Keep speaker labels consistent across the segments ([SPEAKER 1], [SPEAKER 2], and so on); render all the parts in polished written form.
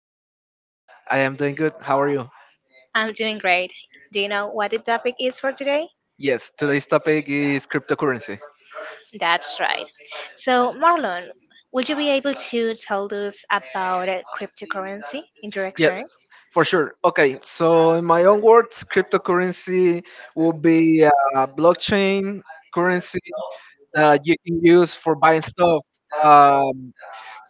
[SPEAKER 1] you doing,
[SPEAKER 2] Hello,
[SPEAKER 1] Marlon?
[SPEAKER 2] I am doing good. How are you?
[SPEAKER 1] I'm doing great. Do you know what the topic is for today?
[SPEAKER 2] Yes, today's topic is cryptocurrency.
[SPEAKER 1] That's right. So, Marlon, would you be able to tell us about cryptocurrency in your
[SPEAKER 2] Yes,
[SPEAKER 1] experience?
[SPEAKER 2] for sure. Okay, so in my own words, cryptocurrency will be a blockchain currency that you can use for buying stuff. um,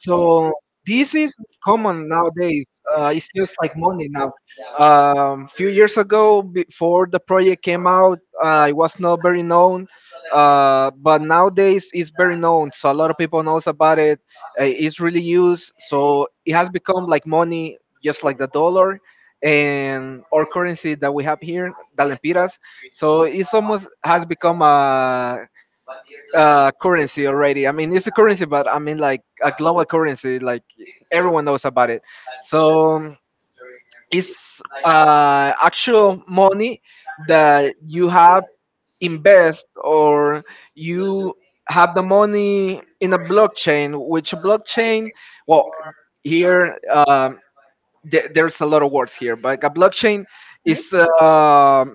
[SPEAKER 2] So this is common nowadays. It's just like money now. Few years ago, before the project came out, it was not very known. But nowadays it's very known, so a lot of people knows about it. It's really used, so it has become like money, just like the dollar and our currency that we have here, the lempiras. So it's almost has become a currency already. I mean, it's a currency, but I mean like a global currency. Like everyone knows about it. So it's actual money that you have invest or you have the money in a blockchain. Which blockchain? Well, here there's a lot of words here, but a blockchain is uh,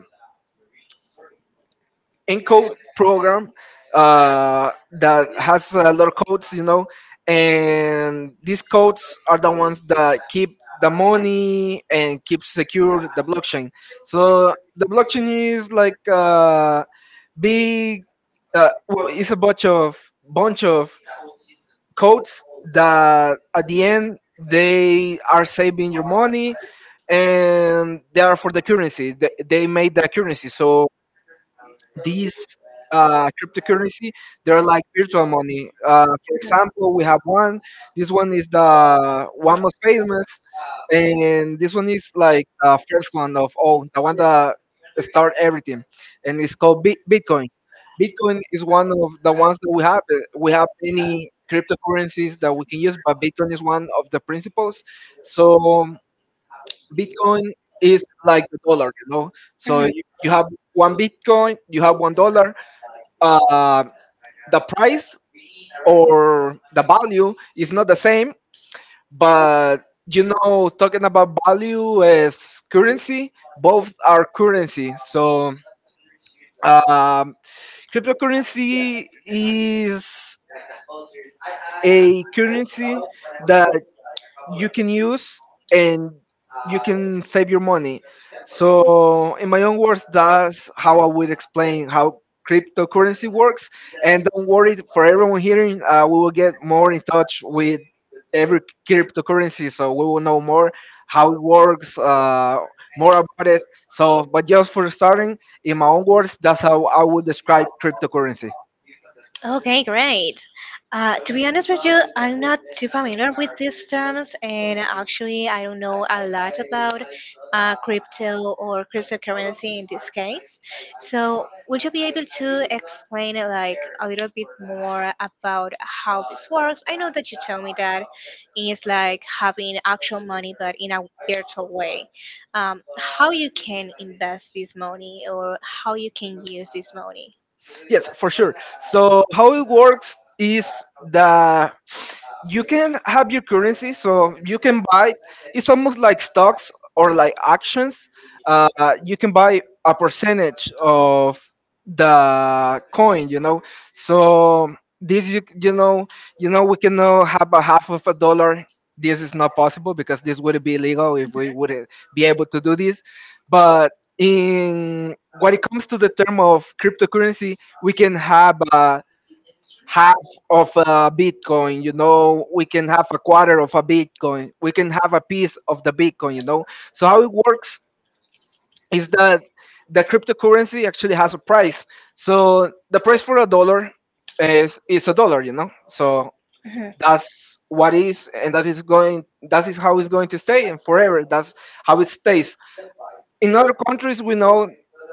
[SPEAKER 2] encode program, that has a lot of codes, and these codes are the ones that keep the money and keep secure the blockchain. So the blockchain is like big, uh, it's a bunch of bunch of codes that at the end they are saving your money, and they are for the currency. They made the currency, so these cryptocurrency, they're like virtual money. For example, we have one. This one is the one most famous, and this one is like the first one of all the one that start everything, and it's called bitcoin. Bitcoin is one of the ones that we have. We have many cryptocurrencies that we can use, but bitcoin is one of the principles. So bitcoin is like the dollar, so
[SPEAKER 1] Mhm.
[SPEAKER 2] you have one bitcoin, you have $1. uh, the price or the value is not the same, but talking about value as currency, both are currency. So, um, cryptocurrency is a currency that you can use, and you can save your money. So, in my own words, that's how I would explain how cryptocurrency works. And don't worry, for everyone hearing, we will get more in touch with every cryptocurrency, so we will know more how it works, more about it. So, but just for starting, in my own words, that's how I would describe cryptocurrency.
[SPEAKER 1] Okay, great. To be honest with you, I'm not too familiar with these terms, and actually, I don't know a lot about crypto or cryptocurrency in this case. So, would you be able to explain like a little bit more about how this works? I know that you told me that it's like having actual money, but in a virtual way. How you can invest this money or how you can use this money?
[SPEAKER 2] Yes, for sure. So, how it works is the you can have your currency, so you can buy. It's almost like stocks or like actions. uh, you can buy a percentage of the coin, so this you, you know we cannot have a half of a dollar. This is not possible, because this would be illegal if we wouldn't be able to do this. But in what it comes to the term of cryptocurrency, we can have a half of a bitcoin. We can have a quarter of a bitcoin. We can have a piece of the bitcoin. So how it works is that the cryptocurrency actually has a price. So the price for a dollar is a dollar, so
[SPEAKER 1] Mhm,
[SPEAKER 2] that's what is, and that is how it's going to stay, and forever that's how it stays. In other countries we know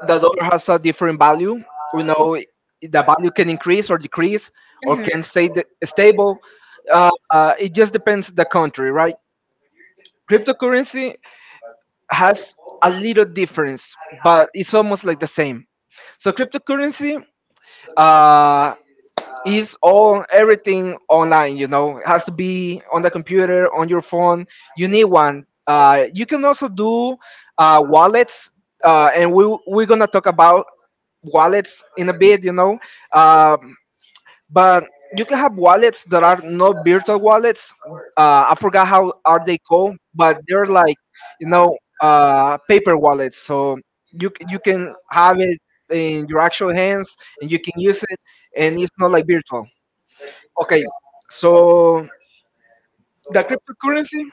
[SPEAKER 2] the dollar has a different value. We know the value can increase or decrease, or can stay
[SPEAKER 1] mhm.
[SPEAKER 2] stable. It just depends the country, right? Cryptocurrency has a little difference, but it's almost like the same. So cryptocurrency uh, is all everything online. You know, it has to be on the computer, on your phone. You need one. You can also do wallets. And we're gonna talk about wallets in a bit. You know, Um but you can have wallets that are not virtual wallets. I forgot how are they called, but they're like, paper wallets. So you can have it in your actual hands, and you can use it, and it's not like virtual. Okay, so the cryptocurrency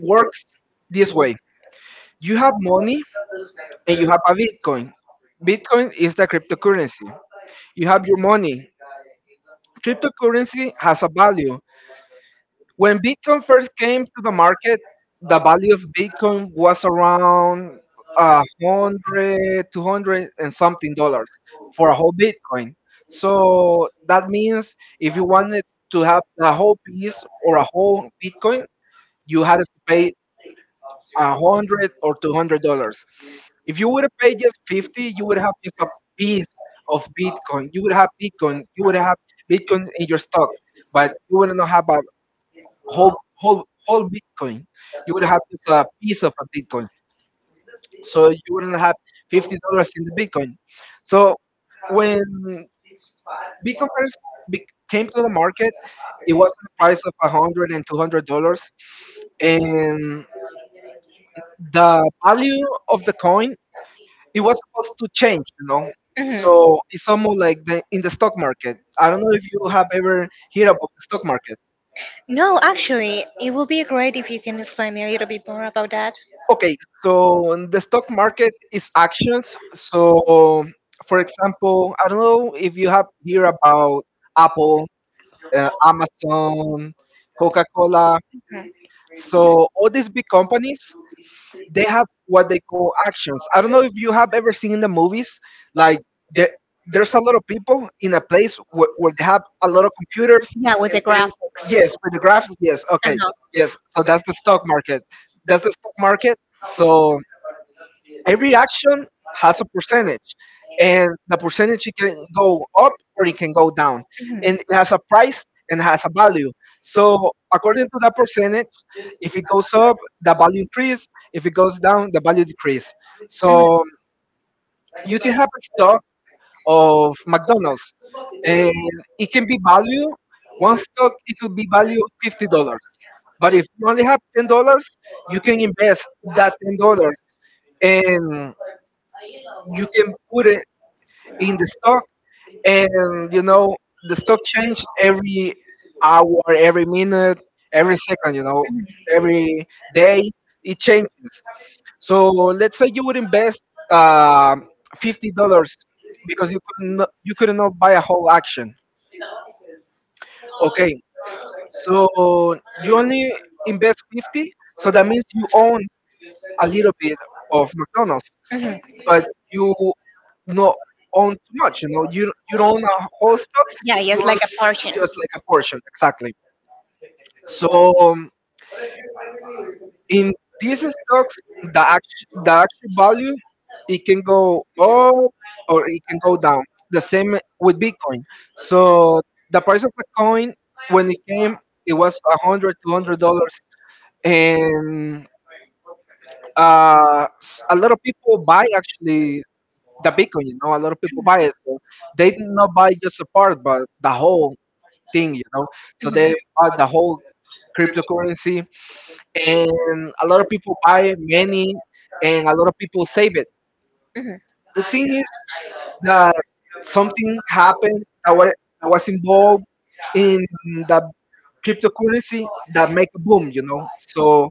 [SPEAKER 2] works this way: you have money and you have a Bitcoin. Bitcoin is the cryptocurrency. You have your money. Cryptocurrency has a value. When Bitcoin first came to the market, the value of Bitcoin was around 100, 200 and something dollars for a whole Bitcoin. So that means if you wanted to have a whole piece or a whole Bitcoin, you had to pay $100 or $200. If you would have paid just 50, you would have just a piece of Bitcoin. You would have Bitcoin. You would have Bitcoin in your stock, but you would not have a whole whole Bitcoin. You would have just a piece of a Bitcoin, so you wouldn't have $50 in the Bitcoin. So when Bitcoin first be- came to the market, it was at the price of a hundred and two hundred dollars, and the value of the coin it was supposed to change.
[SPEAKER 1] Mhm.
[SPEAKER 2] So it's almost like in the stock market. I don't know if you have ever heard about the stock market.
[SPEAKER 1] No, actually, it would be great if you can explain me a little bit more about that.
[SPEAKER 2] Okay, so the stock market is actions. So, for example, I don't know if you have hear about Apple, Amazon, Coca-Cola.
[SPEAKER 1] Mhm.
[SPEAKER 2] So all these big companies, they have what they call actions. I don't know if you have ever seen in the movies, like the, there's a lot of people in a place where they have a lot of computers,
[SPEAKER 1] Yeah, with
[SPEAKER 2] and
[SPEAKER 1] the
[SPEAKER 2] then
[SPEAKER 1] graphics.
[SPEAKER 2] yes, with the graphs, yes, okay,
[SPEAKER 1] Uh-huh.
[SPEAKER 2] yes. So that's the stock market. That's the stock market. So every action has a percentage, and the percentage it can go up or it can go down,
[SPEAKER 1] Mhm.
[SPEAKER 2] and it has a price and has a value. So according to that percentage, if it goes up the value increase, if it goes down the value decrease. So you can have a stock of McDonald's, and it can be valued one stock, it could be valued $50, but if you only have $10, you can invest that $10, and you can put it in
[SPEAKER 1] Mhm.
[SPEAKER 2] the stock. And you know, the stock change every hour, every minute, every second, every day it changes. So let's say you would invest uh, $50, because you couldn't not buy a whole action. Okay, so you only invest 50, so that means you own a little bit of McDonald's, but you not own too much. You don't own a whole stock, just like a portion, exactly. So, um, in these stocks, the actual value it can go up or it can go down. The same with Bitcoin. So the price of the coin when it came, it was 100, $200, and a lot of people buy actually the Bitcoin. You know, a lot of people buy it. So they did not buy just a part, but the whole thing. You know, so they bought the whole cryptocurrency, and a lot of people buy many, and a lot of people save it.
[SPEAKER 1] Mhm,
[SPEAKER 2] The thing is that something happened that was, involved in the cryptocurrency that make a boom, you know. So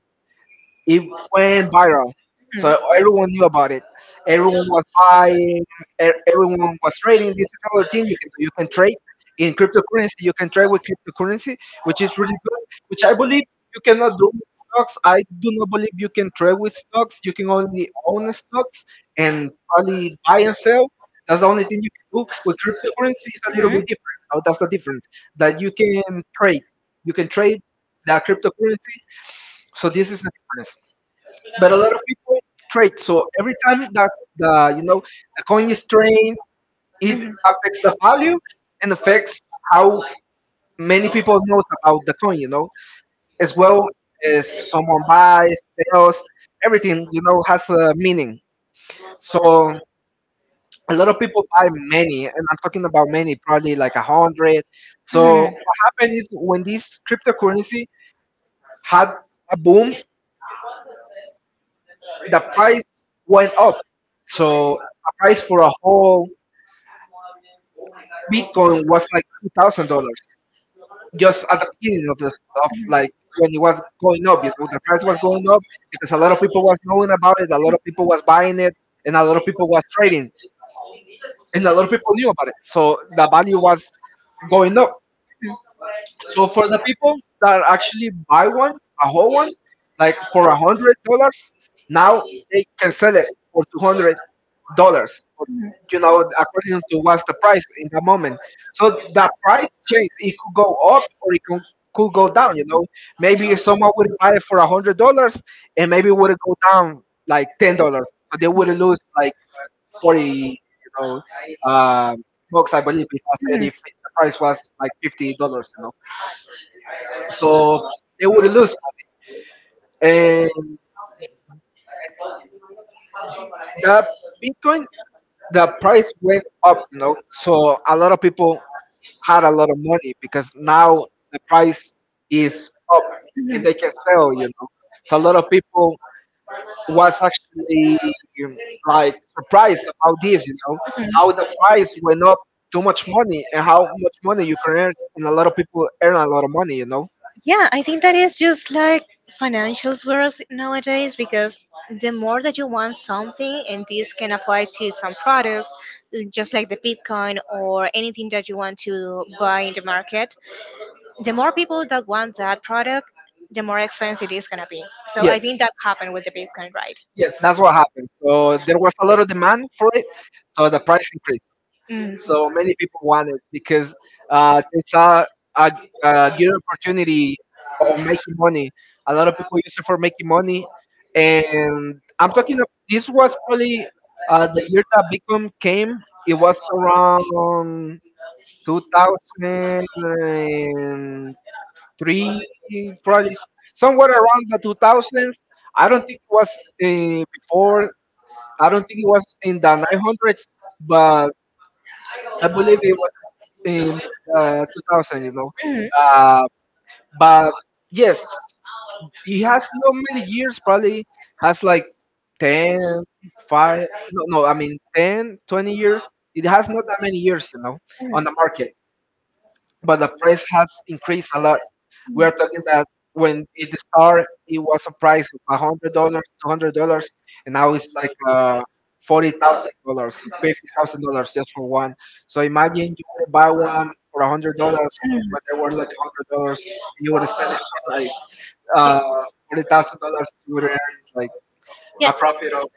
[SPEAKER 2] it went viral, so everyone knew about it. Everyone was buying. Everyone was trading. This is another thing you can do. You can trade in cryptocurrency. You can trade with cryptocurrency, which is really good. Which I believe you cannot do with stocks. I do not believe you can trade with stocks. You can only own stocks, and probably buy and sell. That's the only thing you can do with cryptocurrency. It's a little bit different. Now that's the difference, that you can trade. You can trade the cryptocurrency. So this is the difference, but a lot of people trade. So every time that the you know the coin is traded, it affects the value, and affects how many people knows about the coin. You know, as well as someone buys, sells, everything. You know, has a meaning. So a lot of people buy many, and I'm talking about many, probably like 100. So what happened is when this cryptocurrency had a boom, the price went up. So a price for a whole Bitcoin was like $2,000, just at the beginning of the of like when it was going up. You know, the price was going up because a lot of people was knowing about it, a lot of people was buying it, and a lot of people was trading, and a lot of people knew about it. So the value was going up. So for the people that actually buy one, a whole one, like for $100, now they can sell it for $200.
[SPEAKER 1] mhm.
[SPEAKER 2] You know, according to what's the price in the moment. So the price change. It could go up or it could go down. Maybe someone would buy it for $100, and maybe would it go down like $10. So they would lose like forty bucks. I believe if I said if the price was like fifty dollars. So they would lose. And that Bitcoin, the price went up. So a lot of people had a lot of money because now the price is up and they can sell. So a lot of people was actually um, like surprised about this, how the price went up too much money and how much money you can earn and a lot of people earn a lot of money.
[SPEAKER 1] Yeah, I think that is just like financials world nowadays because the more that you want something, and this can apply to some products, just like the Bitcoin or anything that you want to buy in the market, the more people that want that product, the more expensive it is gonna be. So
[SPEAKER 2] Yes,
[SPEAKER 1] I think that happened with the Bitcoin, right?
[SPEAKER 2] yes, that's what happened. So there was a lot of demand for it, so the price increased.
[SPEAKER 1] Mm.
[SPEAKER 2] So many people want it because it's a, a good opportunity of making money. A lot of people use it for making money, and I'm talking about, this was probably the year that Bitcoin came. It was around 2003, probably somewhere around the 2000s. I don't think it was before. I don't think it was in the 900s, but I believe it in uh, 2000.
[SPEAKER 1] Mm,
[SPEAKER 2] Uh, but yes, he has not many years, probably has like 10, 5? No, no, I mean 10, 20 years. It has not that many years, on the market, but the price has increased a lot. We are talking that when it started, it was a price of $100, $200, and now it's like $40,000, $50,000 just for one. So imagine
[SPEAKER 1] mm.
[SPEAKER 2] you would buy one for a hundred
[SPEAKER 1] Mm.
[SPEAKER 2] dollars, but they were like $100,
[SPEAKER 1] Yeah.
[SPEAKER 2] and you would have spent like uh, $40,000. You would earn like
[SPEAKER 1] Yeah.
[SPEAKER 2] a profit of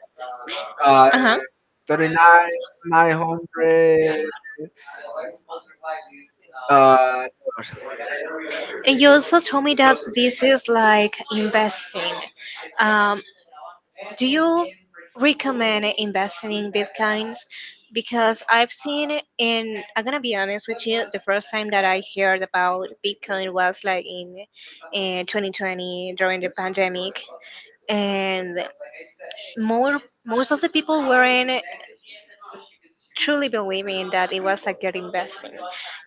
[SPEAKER 2] uh,
[SPEAKER 1] Uh-huh.
[SPEAKER 2] thirty nine nine hundred uh, dollars.
[SPEAKER 1] And you also told me that this is like investing. Um, do you recommend investing in bitcoins? Because I've seen, it in I'm gonna be honest with you, the first time that I heard about Bitcoin was like in 2020 during the pandemic, and more most of the people weren't truly believing that it was a good investing,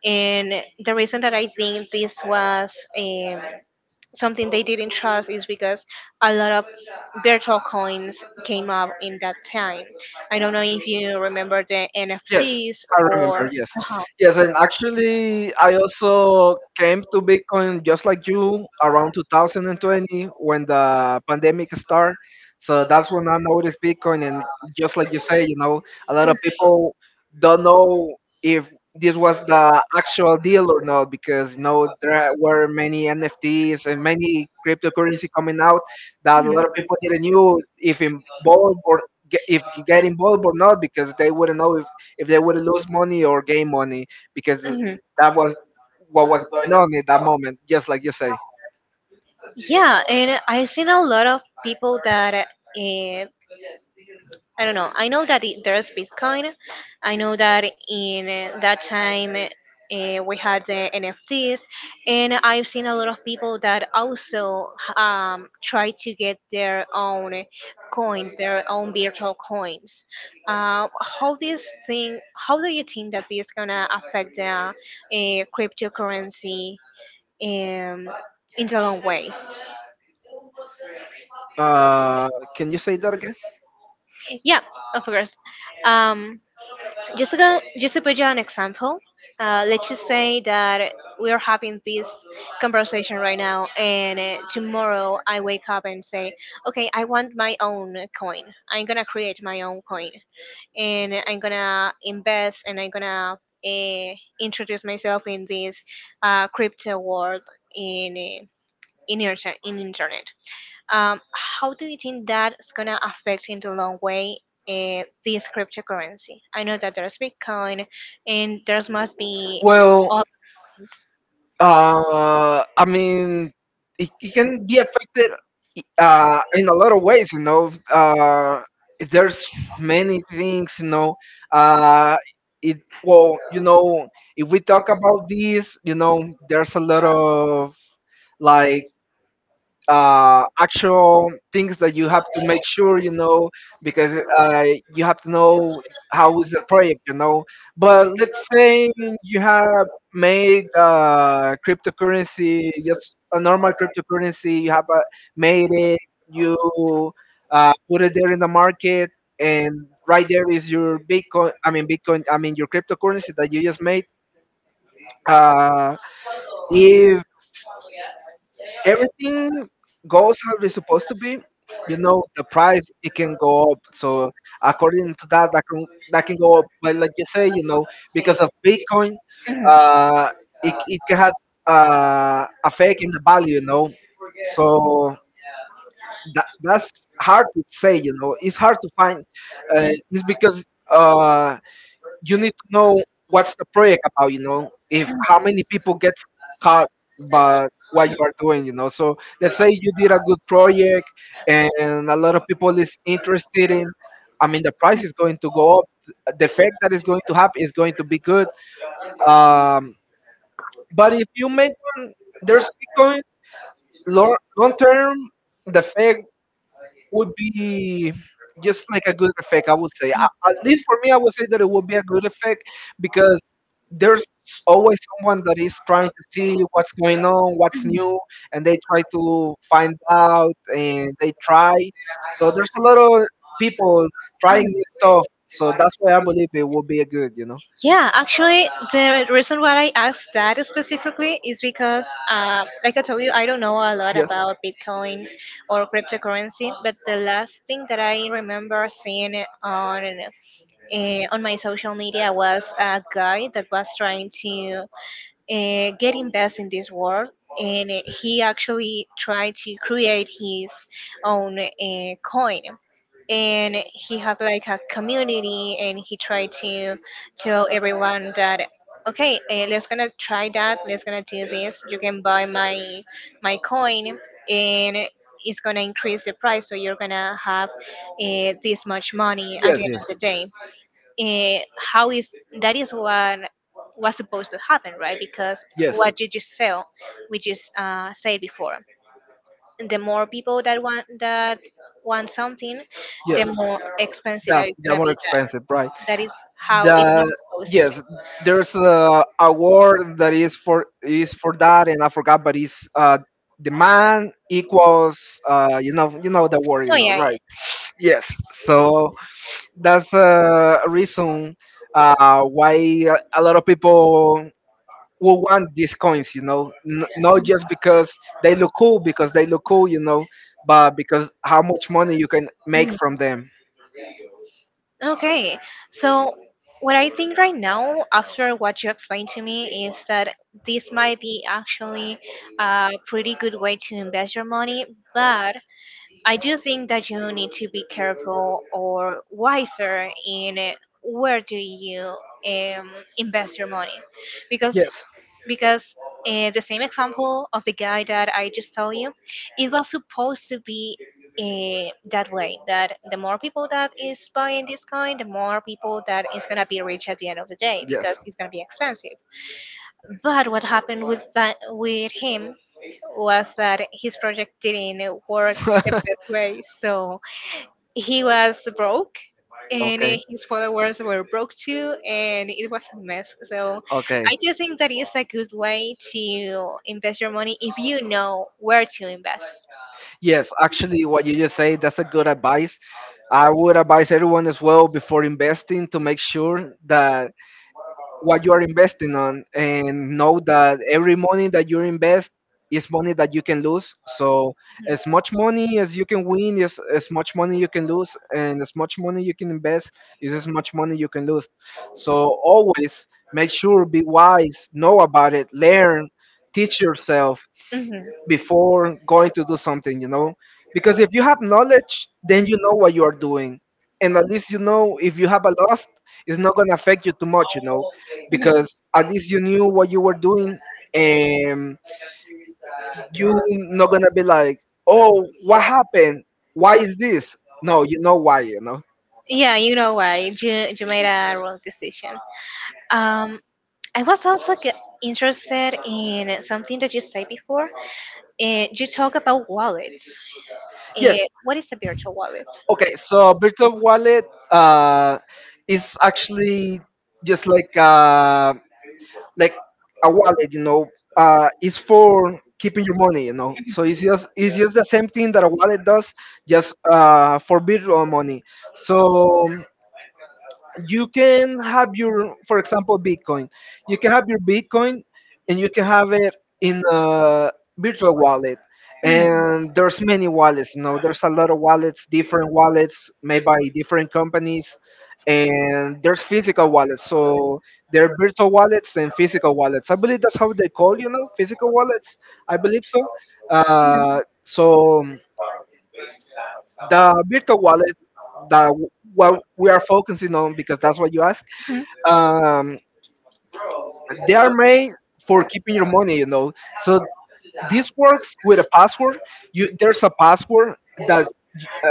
[SPEAKER 1] and the reason that I think this was something they didn't trust is because a lot of virtual coins came up in that time. I don't know if you remember the
[SPEAKER 2] Yes,
[SPEAKER 1] NFTs
[SPEAKER 2] I
[SPEAKER 1] or
[SPEAKER 2] remember. Yes,
[SPEAKER 1] uh-huh.
[SPEAKER 2] yes, and actually, I also came to Bitcoin just like you around 2020 when the pandemic started. So that's when I noticed Bitcoin, and just like you say, a lot of people don't know if this was the actual deal or not, because you know there were many NFTs and many cryptocurrency coming out that a lot of people didn't know if involved or get, if get involved or not, because they wouldn't know if they would lose money or gain money, because
[SPEAKER 1] Mhm. Mhm.
[SPEAKER 2] that was what was going on at that moment, just like you say.
[SPEAKER 1] Yeah, and I've seen a lot of people that I don't know. I know that there's Bitcoin. I know that in that time we had the NFTs, and I've seen a lot of people that also try to get their own coin, their own virtual coins. How this thing? How do you think that this gonna affect the cryptocurrency um, in the long way?
[SPEAKER 2] Uh, can you say that again?
[SPEAKER 1] Yeah, of course. Um, just to put you an example, let's just say that we are having this conversation right now, and tomorrow I wake up and say, okay, I want my own coin. I'm gonna create my own coin, and I'm gonna invest, and I'm gonna uh, introduce myself in this crypto world in in internet. How do you think that's gonna affect in the long way this cryptocurrency? I know that there's Bitcoin and there's must be
[SPEAKER 2] Well,
[SPEAKER 1] other coins.
[SPEAKER 2] I mean, it can be affected in a lot of ways. There's many things. Uh, it well, you know, if we talk about this, there's a lot of like actual things that you have to make sure because you have to know how is the project. But let's say you have made cryptocurrency, just a normal cryptocurrency. You have made it. You put it there in the market, and right there is your bitcoin. I mean bitcoin. I mean your cryptocurrency that you just made uh, If everything goes how it's supposed to be, the price it can go up. So according to that, that can go up. But like you say, because of Bitcoin,
[SPEAKER 1] Mhm.
[SPEAKER 2] uh, it can have affect in the value. So that's hard to say. It's hard to find. It's because uh you need to know what's the project about if how many people get caught by what you are doing. So let's say you did a good project, and a lot of people is interested in, I mean, the price is going to go up. The effect that is going to happen is going to be good. Um, but if you make one, there's bitcoin long term, the effect would be just like a good effect, I would say. At least for me, I would say that it would be a good effect, because there's always someone that is trying to see what's going on, what's new, and they try to find out and they try. So there's a lot of people trying new stuff. So that's why I believe it would be a good.
[SPEAKER 1] Yeah, actually, the reason why I asked that specifically is because, like I told you, I don't know a lot
[SPEAKER 2] Yes,
[SPEAKER 1] about bitcoins or cryptocurrency. But the last thing that I remember seeing uh, on my social media was a guy that was trying to get invest in this world and he actually tried to create his own coin, and he had like a community, and he tried to tell everyone that okay, let's gonna try that, let's gonna do this, you can buy my coin, and it's gonna increase the price, so you're gonna have this much money at the
[SPEAKER 2] yes,
[SPEAKER 1] end
[SPEAKER 2] yes,
[SPEAKER 1] of the day. How is that is what was supposed to happen, right? Because
[SPEAKER 2] yes.
[SPEAKER 1] what you just said, we just said before, the more people that want something, the
[SPEAKER 2] Yes,
[SPEAKER 1] more expensive
[SPEAKER 2] that
[SPEAKER 1] that it's
[SPEAKER 2] that
[SPEAKER 1] gonna
[SPEAKER 2] more
[SPEAKER 1] be. That
[SPEAKER 2] expensive, right?
[SPEAKER 1] that is how it was
[SPEAKER 2] the
[SPEAKER 1] supposed
[SPEAKER 2] yes
[SPEAKER 1] to be.
[SPEAKER 2] there's a award that is for that, and I forgot, but it's the man equals you know the word, you
[SPEAKER 1] Oh
[SPEAKER 2] know,
[SPEAKER 1] yeah.
[SPEAKER 2] right? Yes, so that's a reason why a lot of people will want these coins, not just because they look cool, because they look cool, but because how much money you can make from them.
[SPEAKER 1] Okay. So what I think right now, after what you explained to me, is that this might be actually a pretty good way to invest your money, but I do think that you need to be careful or wiser in where do you um, invest your money, because yes.
[SPEAKER 2] Yes.
[SPEAKER 1] Because the same example of the guy that I just told you, it was supposed to be that way. That the more people that is buying this kind, the more people that is gonna be rich at the end of the day. Yes. Because
[SPEAKER 2] Yes.
[SPEAKER 1] it's gonna be expensive. But what happened with that with him was that his project didn't work the best way. So he was broke and
[SPEAKER 2] Okay.
[SPEAKER 1] his followers were broke too and it was a mess. So
[SPEAKER 2] Okay.
[SPEAKER 1] I do think that is a good way to invest your money if you know where to invest.
[SPEAKER 2] Yes, actually, what you just say, that's a good advice. I would advise everyone as well, before investing, to make sure that what you are investing on, and know that every money that you invest is money that you can lose. So as much
[SPEAKER 1] Mhm.
[SPEAKER 2] money as you can win is as much money you can lose, and as much money you can invest is as much money you can lose. So always make sure, be wise, know about it, learn, teach yourself
[SPEAKER 1] Mhm.
[SPEAKER 2] before going to do something, you know? Because if you have knowledge, then you know what you are doing. And at least you know, if you have a loss, it's not going to affect you too much, you know?
[SPEAKER 1] Mhm.
[SPEAKER 2] Because at least you knew what you were doing, and you not going to be like, oh, what happened? Why is this? No, you know why, you know?
[SPEAKER 1] Yeah, you know why you made a wrong decision. Um I was also g- Interested in something that you said before. Eh, eh,
[SPEAKER 2] Yes.
[SPEAKER 1] what is a virtual wallet?
[SPEAKER 2] Okay, so virtual wallet uh, is actually just like. Like a wallet, is for keeping your money. So it's just the same thing that a wallet does, just for virtual money. So you can have your, for example, bitcoin. You can have your bitcoin, and you can have it in a virtual wallet,
[SPEAKER 1] Mhm,
[SPEAKER 2] and there's many wallets. You know, there's a lot of wallets, different wallets made by different companies, and there's physical wallets. So there are virtual wallets and physical wallets. I believe that's how they call, you know, physical wallets. I believe so. So the virtual wallet, that what we are focusing on because that's what you asked. Um, they are made for keeping your money, you know. So this works with a password. You There's a password that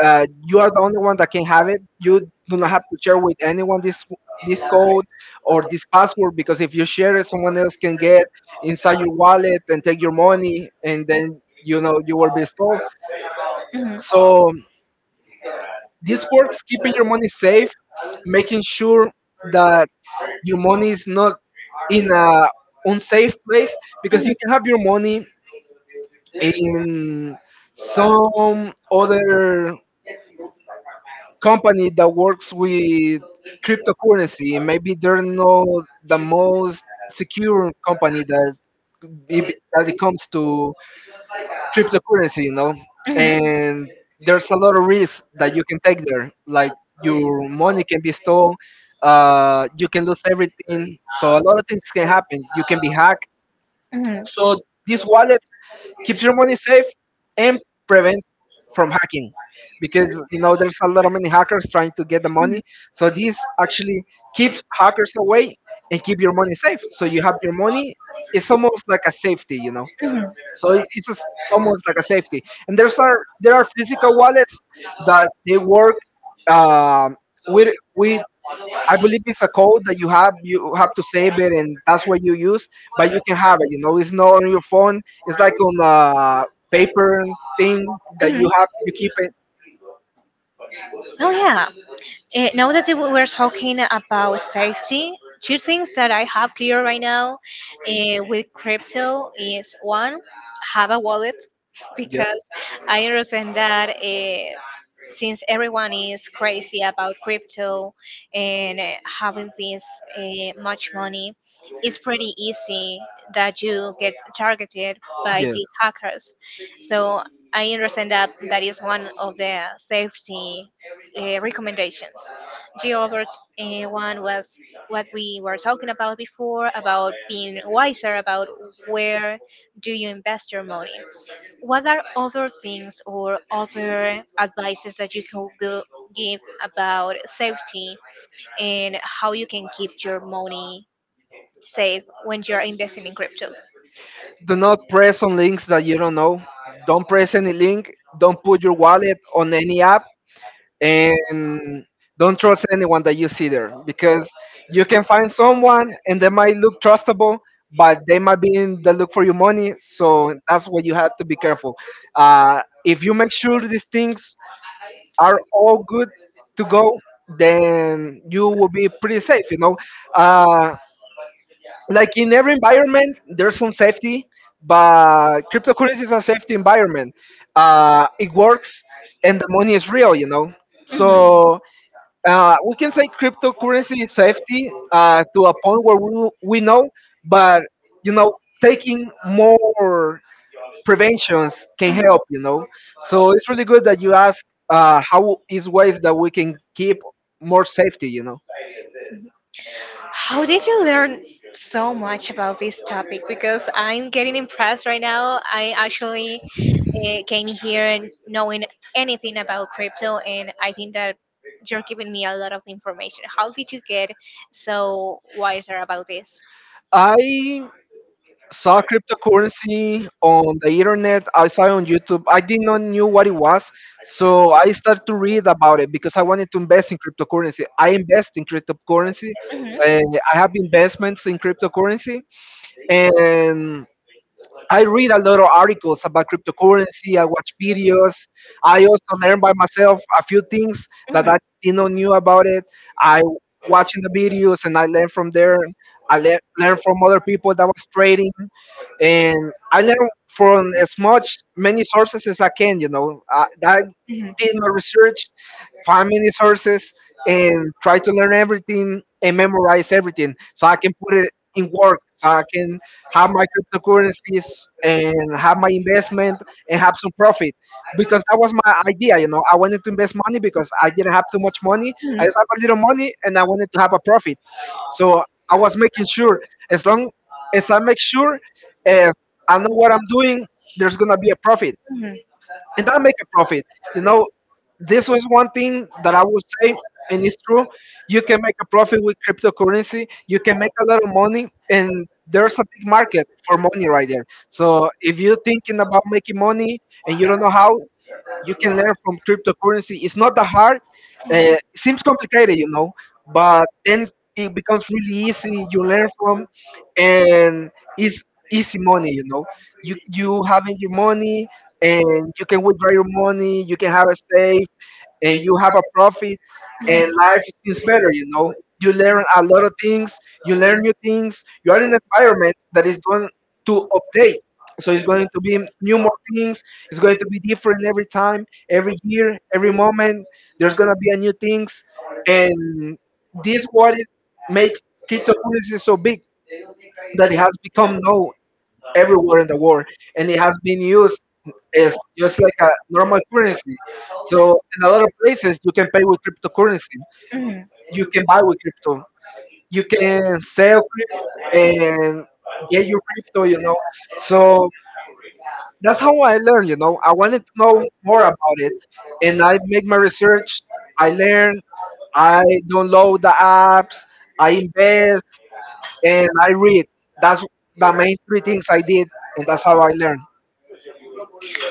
[SPEAKER 2] you are the only one that can have it. You do not have to share with anyone this code or this password, because if you share it, someone else can get inside your wallet and take your money, and then you know you will be stolen.
[SPEAKER 1] mhm,
[SPEAKER 2] So this works keeping your money safe, making sure that your money is not in a unsafe place, because you can have your money in some other company that works with cryptocurrency. Maybe they're not the most secure company that it comes to cryptocurrency, you know. And there's a lot of risks that you can take there, like your money can be stolen, you can lose everything. So a lot of things can happen, you can be hacked.
[SPEAKER 1] mhm.
[SPEAKER 2] So this wallet
[SPEAKER 1] Wallet
[SPEAKER 2] keeps your
[SPEAKER 1] your
[SPEAKER 2] money
[SPEAKER 1] money
[SPEAKER 2] safe and prevent from hacking, because you know there's a lot of many hackers trying to get the money. So this actually keeps hackers away and keep your money safe. So you have your money. It's almost like a safety. So it's just almost like a safety. And there are physical wallets that they work um, with I believe it's a code that you have. You have to save it, and that's what you use. But you can have it. It's not on your phone. It's like on a paper thing that you have. You keep it.
[SPEAKER 1] safe. Oh yeah. Eh, now that we were talking about safety, two things that I have clear right now, with crypto is one, have a wallet
[SPEAKER 2] Yes.
[SPEAKER 1] because I understand that since everyone is crazy about crypto and having this much money, it's pretty easy that you get targeted by
[SPEAKER 2] Yes.
[SPEAKER 1] these hackers. So I understand that that is one of the safety recommendations. The other one was what we were talking about before about being wiser about where do you invest your money. What are other things or other advices that you can go give about safety and how you can keep your money safe when you're investing in crypto?
[SPEAKER 2] Do not press on links that you don't know. Don't press any link. Don't put your wallet on any app, and don't trust anyone that you see there, because you can find someone and they might look trustable, but they might be in the look for your money. So that's why you have to be careful. If you make sure these things are all good to go, then you will be pretty safe. Uh, like in every environment there's some safety, but cryptocurrency is a safety environment. It works, and the money is real, you know. So we can say cryptocurrency is safety, to a point where we know, but you know, taking more preventions can help, you know. So it's really good that you ask how is ways that we can keep more safety, you know
[SPEAKER 1] How did you learn so much about this topic? Because I'm getting impressed right now. I actually came here and knowing anything about crypto, and I think that you're giving me a lot of information. How did you get so wiser about this?
[SPEAKER 2] i saw cryptocurrency on the internet. I saw it on YouTube. I did not knew what it was, so I started to read about it because I wanted to invest in cryptocurrency. I invest in cryptocurrency,
[SPEAKER 1] Mhm,
[SPEAKER 2] and I have investments in cryptocurrency, and I read a lot of articles about cryptocurrency. I watch videos. I also learn by myself a few things that I didn't knew about it. I watching the videos and I learn from there. I learn from other people that was trading, and I learn from as much many
[SPEAKER 1] mhm.
[SPEAKER 2] sources as I can. You know, I did my research, find many sources,
[SPEAKER 1] Mhm.
[SPEAKER 2] and try to learn everything and memorize everything so I can put it in work. So I can have my cryptocurrencies and have my investment and have some profit, because that was my idea. You know, I wanted to invest money because I didn't have too much money. I just have a little money and I wanted to have a profit. So I was making sure, as long as I make sure, if I know what I'm doing, there's gonna be a profit and don't make a profit. You know, this was one thing that I would say, and it's true. You can make a profit with cryptocurrency. You can make a lot of money, and there's a big market for money right there. So if you're thinking about making money and you don't know how, you can learn from cryptocurrency. It's not that hard. It seems complicated, you know, but then it becomes really easy. You learn from, and it's easy money, you know. You having your money, and you can withdraw your money. You can have a save and you have a profit, and life is better, you know. You learn a lot of things, you learn new things, you are in an environment that is going to update, so it's going to be new more things, it's going to be different every time, every year, every moment, there's going to be a new things, and this what it makes cryptocurrency so big, that it has become known everywhere in the world, and it has been used, is just like a normal currency. So in a lot of places, you can pay with cryptocurrency. You can buy with crypto. You can sell crypto and get your crypto. You know. So that's how I learned. You know, I wanted to know more about it, and I make my research. I learn. I download the apps. I invest and I read. That's the main three things I did, and that's how I learned.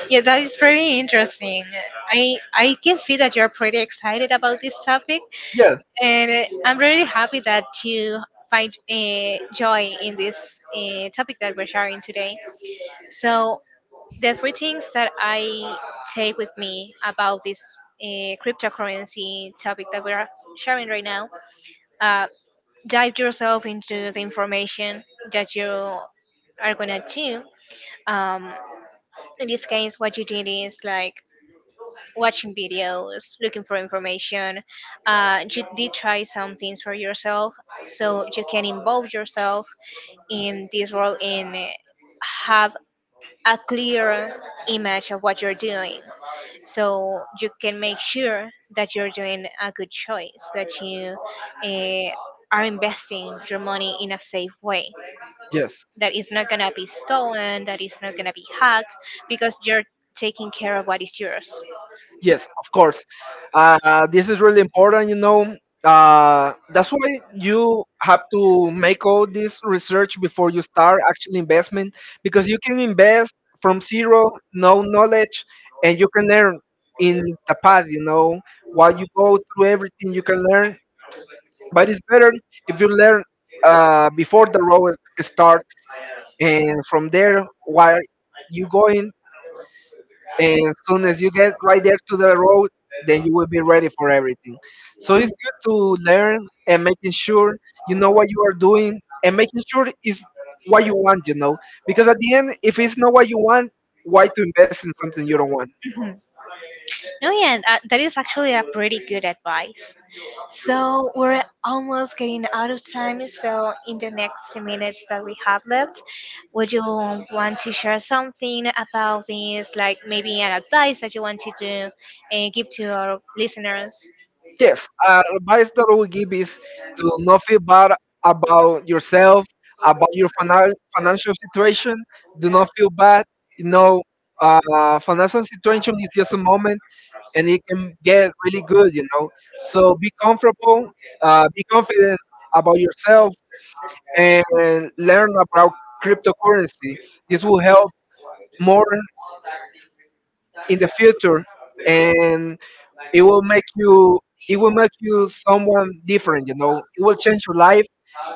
[SPEAKER 1] Yeah, that is very interesting. I can see that you're pretty excited about this topic.
[SPEAKER 2] Yes.
[SPEAKER 1] And I'm really happy that you find joy in this topic that we're sharing today. So, the three things that I take with me about this cryptocurrency topic that we're sharing right now, uh, dive yourself into the information that you are gonna do. Um, in this case, what you did is like watching videos, looking for information. You did try some things for yourself, so you can involve yourself in this world and have a clear image of what you're doing. So you can make sure that you're doing a good choice, that you uh, are investing your money in a safe way,
[SPEAKER 2] Yes.
[SPEAKER 1] that is not gonna be stolen, that is not gonna be hacked, because you're taking care of what is yours.
[SPEAKER 2] Yes, of course. This is really important, you know. That's why you have to make all this research before you start actual investment, because you can invest from zero, no knowledge, and you can learn in the path, you know. While you go through everything, you can learn. But it's better if you learn before the road starts, and from there, while you going, and as soon as you get right there to the road, then you will be ready for everything. So it's good to learn and making sure you know what you are doing and making sure it's what you want, you know. Because at the end, if it's not what you want, why to invest in something you don't want?
[SPEAKER 1] No, yeah, and, that is actually a pretty good advice. So we're almost getting out of time. So in the next minutes that we have left, would you want to share something about this, like maybe an advice that you want to do and give to our listeners?
[SPEAKER 2] Yes, advice that I would give is to not feel bad about yourself, about your financial situation. Do not feel bad. You know, financial situation is just a moment and it can get really good, you know. So be comfortable, be confident about yourself, and learn about cryptocurrency. This will help more in the future, and it will make you it will make you someone different. You know, it will change your life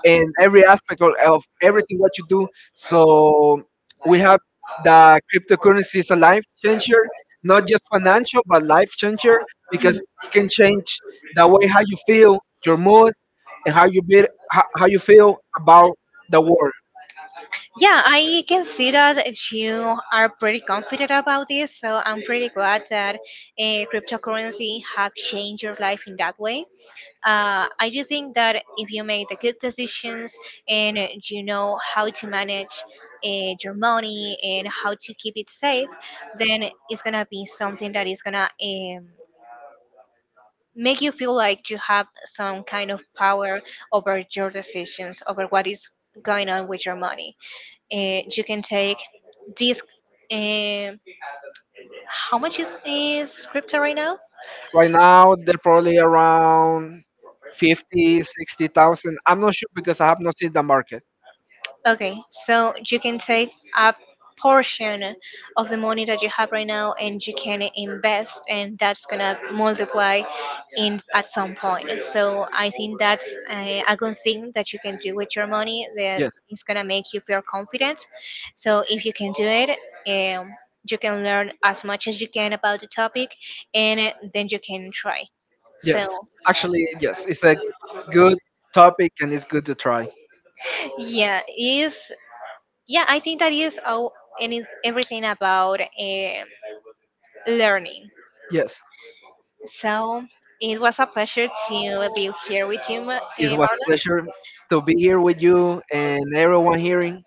[SPEAKER 2] in every aspect of everything what you do. So we have the cryptocurrency is a life changer, not just financial, but life changer, because it can change the way how you feel, your mood, and how you be, how you feel about the world.
[SPEAKER 1] Yeah, I can see that you are pretty confident about this. So I'm pretty glad that cryptocurrency have changed your life in that way. Uh, I do think that if you make the good decisions and you know how to manage your money and how to keep it safe, then it's gonna be something that is gonna make you feel like you have some kind of power over your decisions, over what is going on with your money. You can take this. um how much is crypto right now?
[SPEAKER 2] Right now, they're probably around 50, 60,000. I'm not sure because I have not seen the market.
[SPEAKER 1] Okay, so you can take a portion of the money that you have right now and you can invest and that's gonna multiply in at some point. So I think that's a good thing that you can do with your money that
[SPEAKER 2] Yes,
[SPEAKER 1] is gonna make you feel confident. So if you can do it, um, you can learn as much as you can about the topic and then you can try. So
[SPEAKER 2] yes. Actually, yes, it's a good topic and it's good to try.
[SPEAKER 1] yeah, it is. Yeah, I think that is all. Any Everything about learning.
[SPEAKER 2] Yes.
[SPEAKER 1] So it was a pleasure to be here with you,
[SPEAKER 2] It was a
[SPEAKER 1] Marlon.
[SPEAKER 2] pleasure to be here with you and everyone hearing.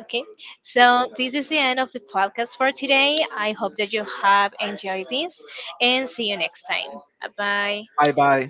[SPEAKER 1] Okay, so this is the end of the podcast for today. I hope that you have enjoyed this, and see you next time. Bye.
[SPEAKER 2] Bye bye.